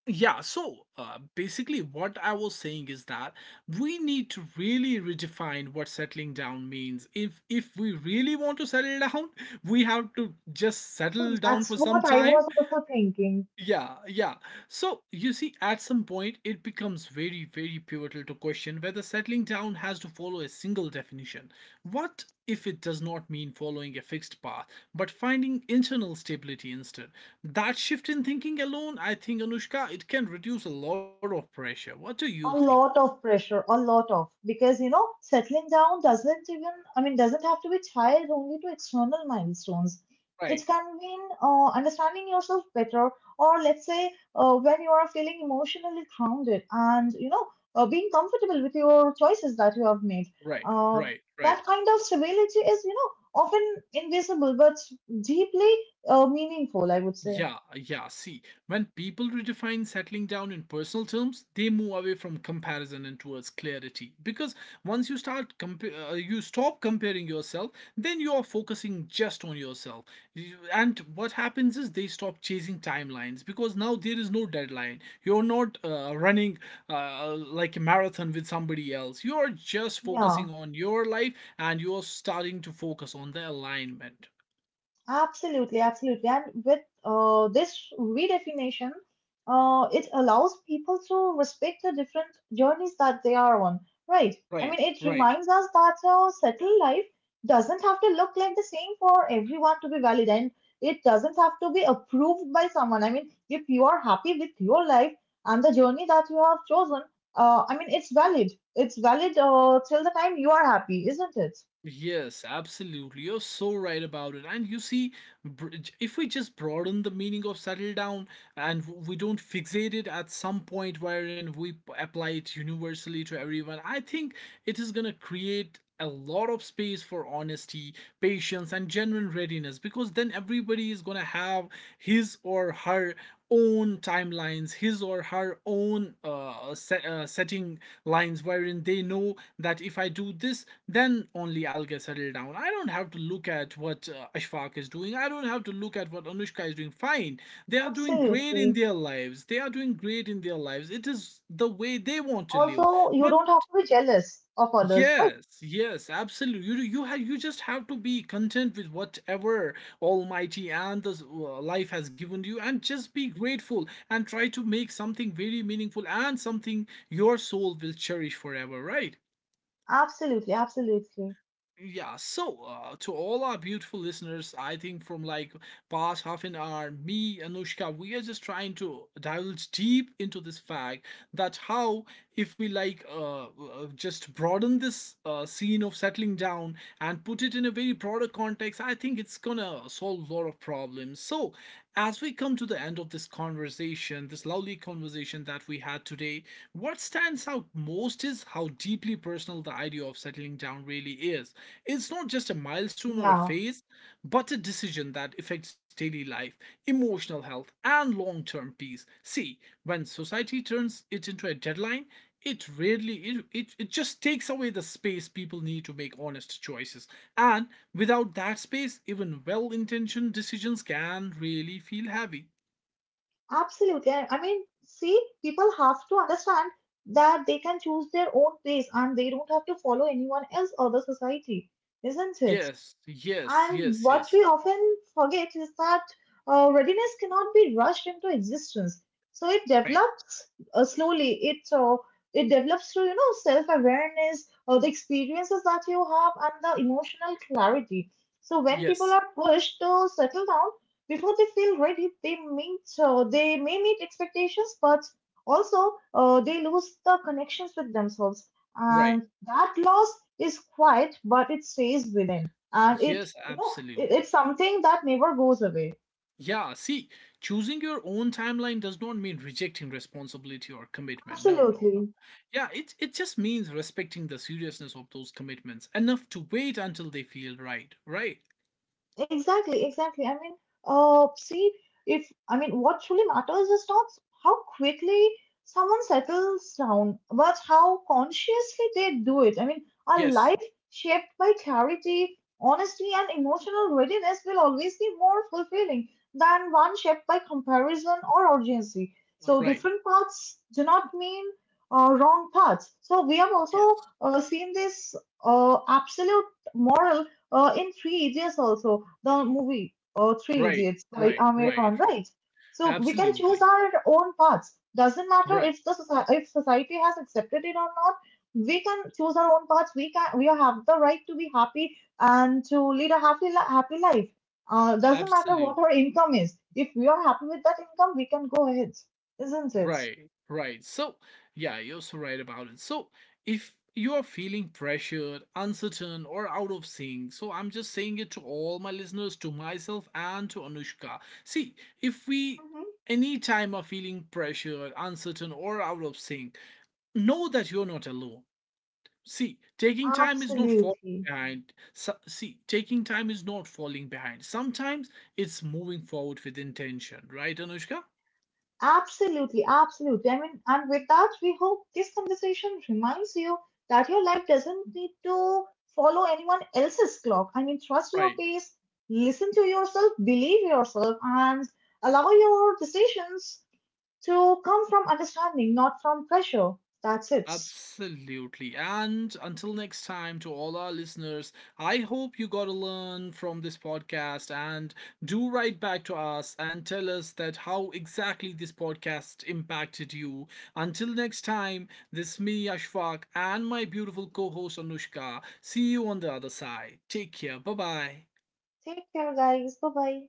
Speaker 1: Yeah, so basically, what I was saying is that we need to really redefine what settling down means. If we really want to settle down, we have to just
Speaker 2: So
Speaker 1: settle down
Speaker 2: that's
Speaker 1: for some
Speaker 2: what I
Speaker 1: time,
Speaker 2: was also thinking.
Speaker 1: yeah, yeah. So, you see, at some point, it becomes very, very pivotal to question whether settling down has to follow a single definition. What if it does not mean following a fixed path, but finding internal stability instead? That shift in thinking alone, I think, Anushka, it can reduce a lot of pressure. What do you think?
Speaker 2: A lot of pressure, a lot of, because you know settling down doesn't even, I mean, doesn't have to be tied only to external milestones. It
Speaker 1: Right,
Speaker 2: can mean understanding yourself better, or let's say when you are feeling emotionally grounded and you know being comfortable with your choices that you have made,
Speaker 1: right,
Speaker 2: uh,
Speaker 1: right, right.
Speaker 2: that kind of stability is, you know, often invisible but deeply meaningful, I would say.
Speaker 1: Yeah, yeah. See, when people redefine settling down in personal terms, they move away from comparison and towards clarity. Because once you start, you stop comparing yourself, then you are focusing just on yourself. And what happens is they stop chasing timelines because now there is no deadline. You're not running like a marathon with somebody else. You are just
Speaker 2: Yeah.
Speaker 1: focusing on your life and you are starting to focus on the alignment.
Speaker 2: Absolutely, absolutely. And with this redefinition, it allows people to respect the different journeys that they are on, right? I
Speaker 1: Right,
Speaker 2: mean, it
Speaker 1: right.
Speaker 2: reminds us that settled life doesn't have to look like the same for everyone to be valid, and it doesn't have to be approved by someone. I mean, if you are happy with your life and the journey that you have chosen, I mean, it's valid. It's valid till the time you are happy, isn't it?
Speaker 1: Yes, absolutely. You're so right about it. And you see, br- if we just broaden the meaning of settle down and we don't fixate it at some point wherein we apply it universally to everyone, I think it is going to create a lot of space for honesty, patience, and genuine readiness because then everybody is going to have his or her own timelines, his or her own setting lines wherein they know that if I do this, then only I'll get settled down. I don't have to look at what Ashfaq is doing. I don't have to look at what Anushka is doing. Fine. They are doing great in
Speaker 2: Absolutely.
Speaker 1: their lives. They are doing great in their lives. It is the way they want to live.
Speaker 2: Also, you
Speaker 1: But
Speaker 2: don't have to be jealous of others, right?
Speaker 1: yes, yes, absolutely. You just have to be content with whatever Almighty and this life has given you and just be grateful and try to make something very meaningful and something your soul will cherish forever, right?
Speaker 2: Absolutely, absolutely.
Speaker 1: Yeah, so to all our beautiful listeners, I think from like past half an hour, me, Anushka, we are just trying to divulge deep into this fact that how if we like just broaden this scene of settling down and put it in a very broader context, I think it's gonna solve a lot of problems. So as we come to the end of this conversation, this lovely conversation that we had today, what stands out most is how deeply personal the idea of settling down really is. It's not just a milestone or a
Speaker 2: Yeah,
Speaker 1: phase, but a decision that affects daily life, emotional health, and long term peace. See, when society turns it into a deadline, it really it, it it just takes away the space people need to make honest choices and without that space even well-intentioned decisions can really feel heavy.
Speaker 2: absolutely. I mean, see, people have to understand that they can choose their own pace and they don't have to follow anyone else or the society, isn't it?
Speaker 1: Yes, yes,
Speaker 2: And
Speaker 1: yes,
Speaker 2: what
Speaker 1: yes.
Speaker 2: we often forget is that readiness cannot be rushed into existence. So it
Speaker 1: Right.
Speaker 2: develops slowly. It develops through, you know, self awareness, the experiences that you have, and the emotional clarity. So when people
Speaker 1: Yes,
Speaker 2: are pushed to settle down before they feel ready, they meet they may meet expectations, but also they lose the connections with themselves,
Speaker 1: right.
Speaker 2: and that loss is quiet, but it stays within, and it,
Speaker 1: Yes,
Speaker 2: you know, it's
Speaker 1: absolutely.
Speaker 2: something that never goes away.
Speaker 1: Yeah, see, choosing your own timeline does not mean rejecting responsibility or commitment. No, no, no.
Speaker 2: Absolutely.
Speaker 1: Yeah, it just means respecting the seriousness of those commitments enough to wait until they feel right. Right.
Speaker 2: Exactly, exactly. I mean, see, if, I mean, what truly matters is not how quickly someone settles down, but how consciously they do it. I mean, a
Speaker 1: Yes.
Speaker 2: life shaped by clarity, honesty, and emotional readiness will always be more fulfilling than one shaped by comparison or urgency. So,
Speaker 1: Right.
Speaker 2: different paths do not mean wrong paths. So, we have also
Speaker 1: Yes.
Speaker 2: seen this absolute moral in three idiots also, the movie Three
Speaker 1: Right.
Speaker 2: Idiots by
Speaker 1: Right.
Speaker 2: Amir
Speaker 1: Right.
Speaker 2: Khan,
Speaker 1: Right.
Speaker 2: right? So we can choose
Speaker 1: Absolutely.
Speaker 2: our own paths. Doesn't matter
Speaker 1: Right.
Speaker 2: if the if society has accepted it or not. We can choose our own paths. We have the right to be happy and to lead a happy life. Doesn't matter what
Speaker 1: Absolutely.
Speaker 2: our income is. If we are happy with that income, we can go ahead, isn't it?
Speaker 1: Right, right. So, yeah, you're so right about it. So, if you are feeling pressured, uncertain, or out of sync, so I'm just saying it to all my listeners, to myself, and to Anushka. See, if we
Speaker 2: Hmm.
Speaker 1: anytime are feeling pressured, uncertain, or out of sync, know that you're not alone. See, taking time is not falling
Speaker 2: Absolutely.
Speaker 1: behind. So, see, taking time is not falling behind. Sometimes it's moving forward with intention, right, Anushka?
Speaker 2: Absolutely, absolutely. I mean, and with that, we hope this conversation reminds you that your life doesn't need to follow anyone else's clock. I mean, trust your
Speaker 1: Right.
Speaker 2: pace, listen to yourself, believe yourself, and allow your decisions to come from understanding, not from pressure. That's it.
Speaker 1: Absolutely. And until next time, to all our listeners, I hope you got to learn from this podcast and do write back to us and tell us that how exactly this podcast impacted you. Until next time, this is me, Ashfaq, and my beautiful co host, Anushka. See you on the other side. Take care. Bye bye.
Speaker 2: Take care, guys. Bye bye.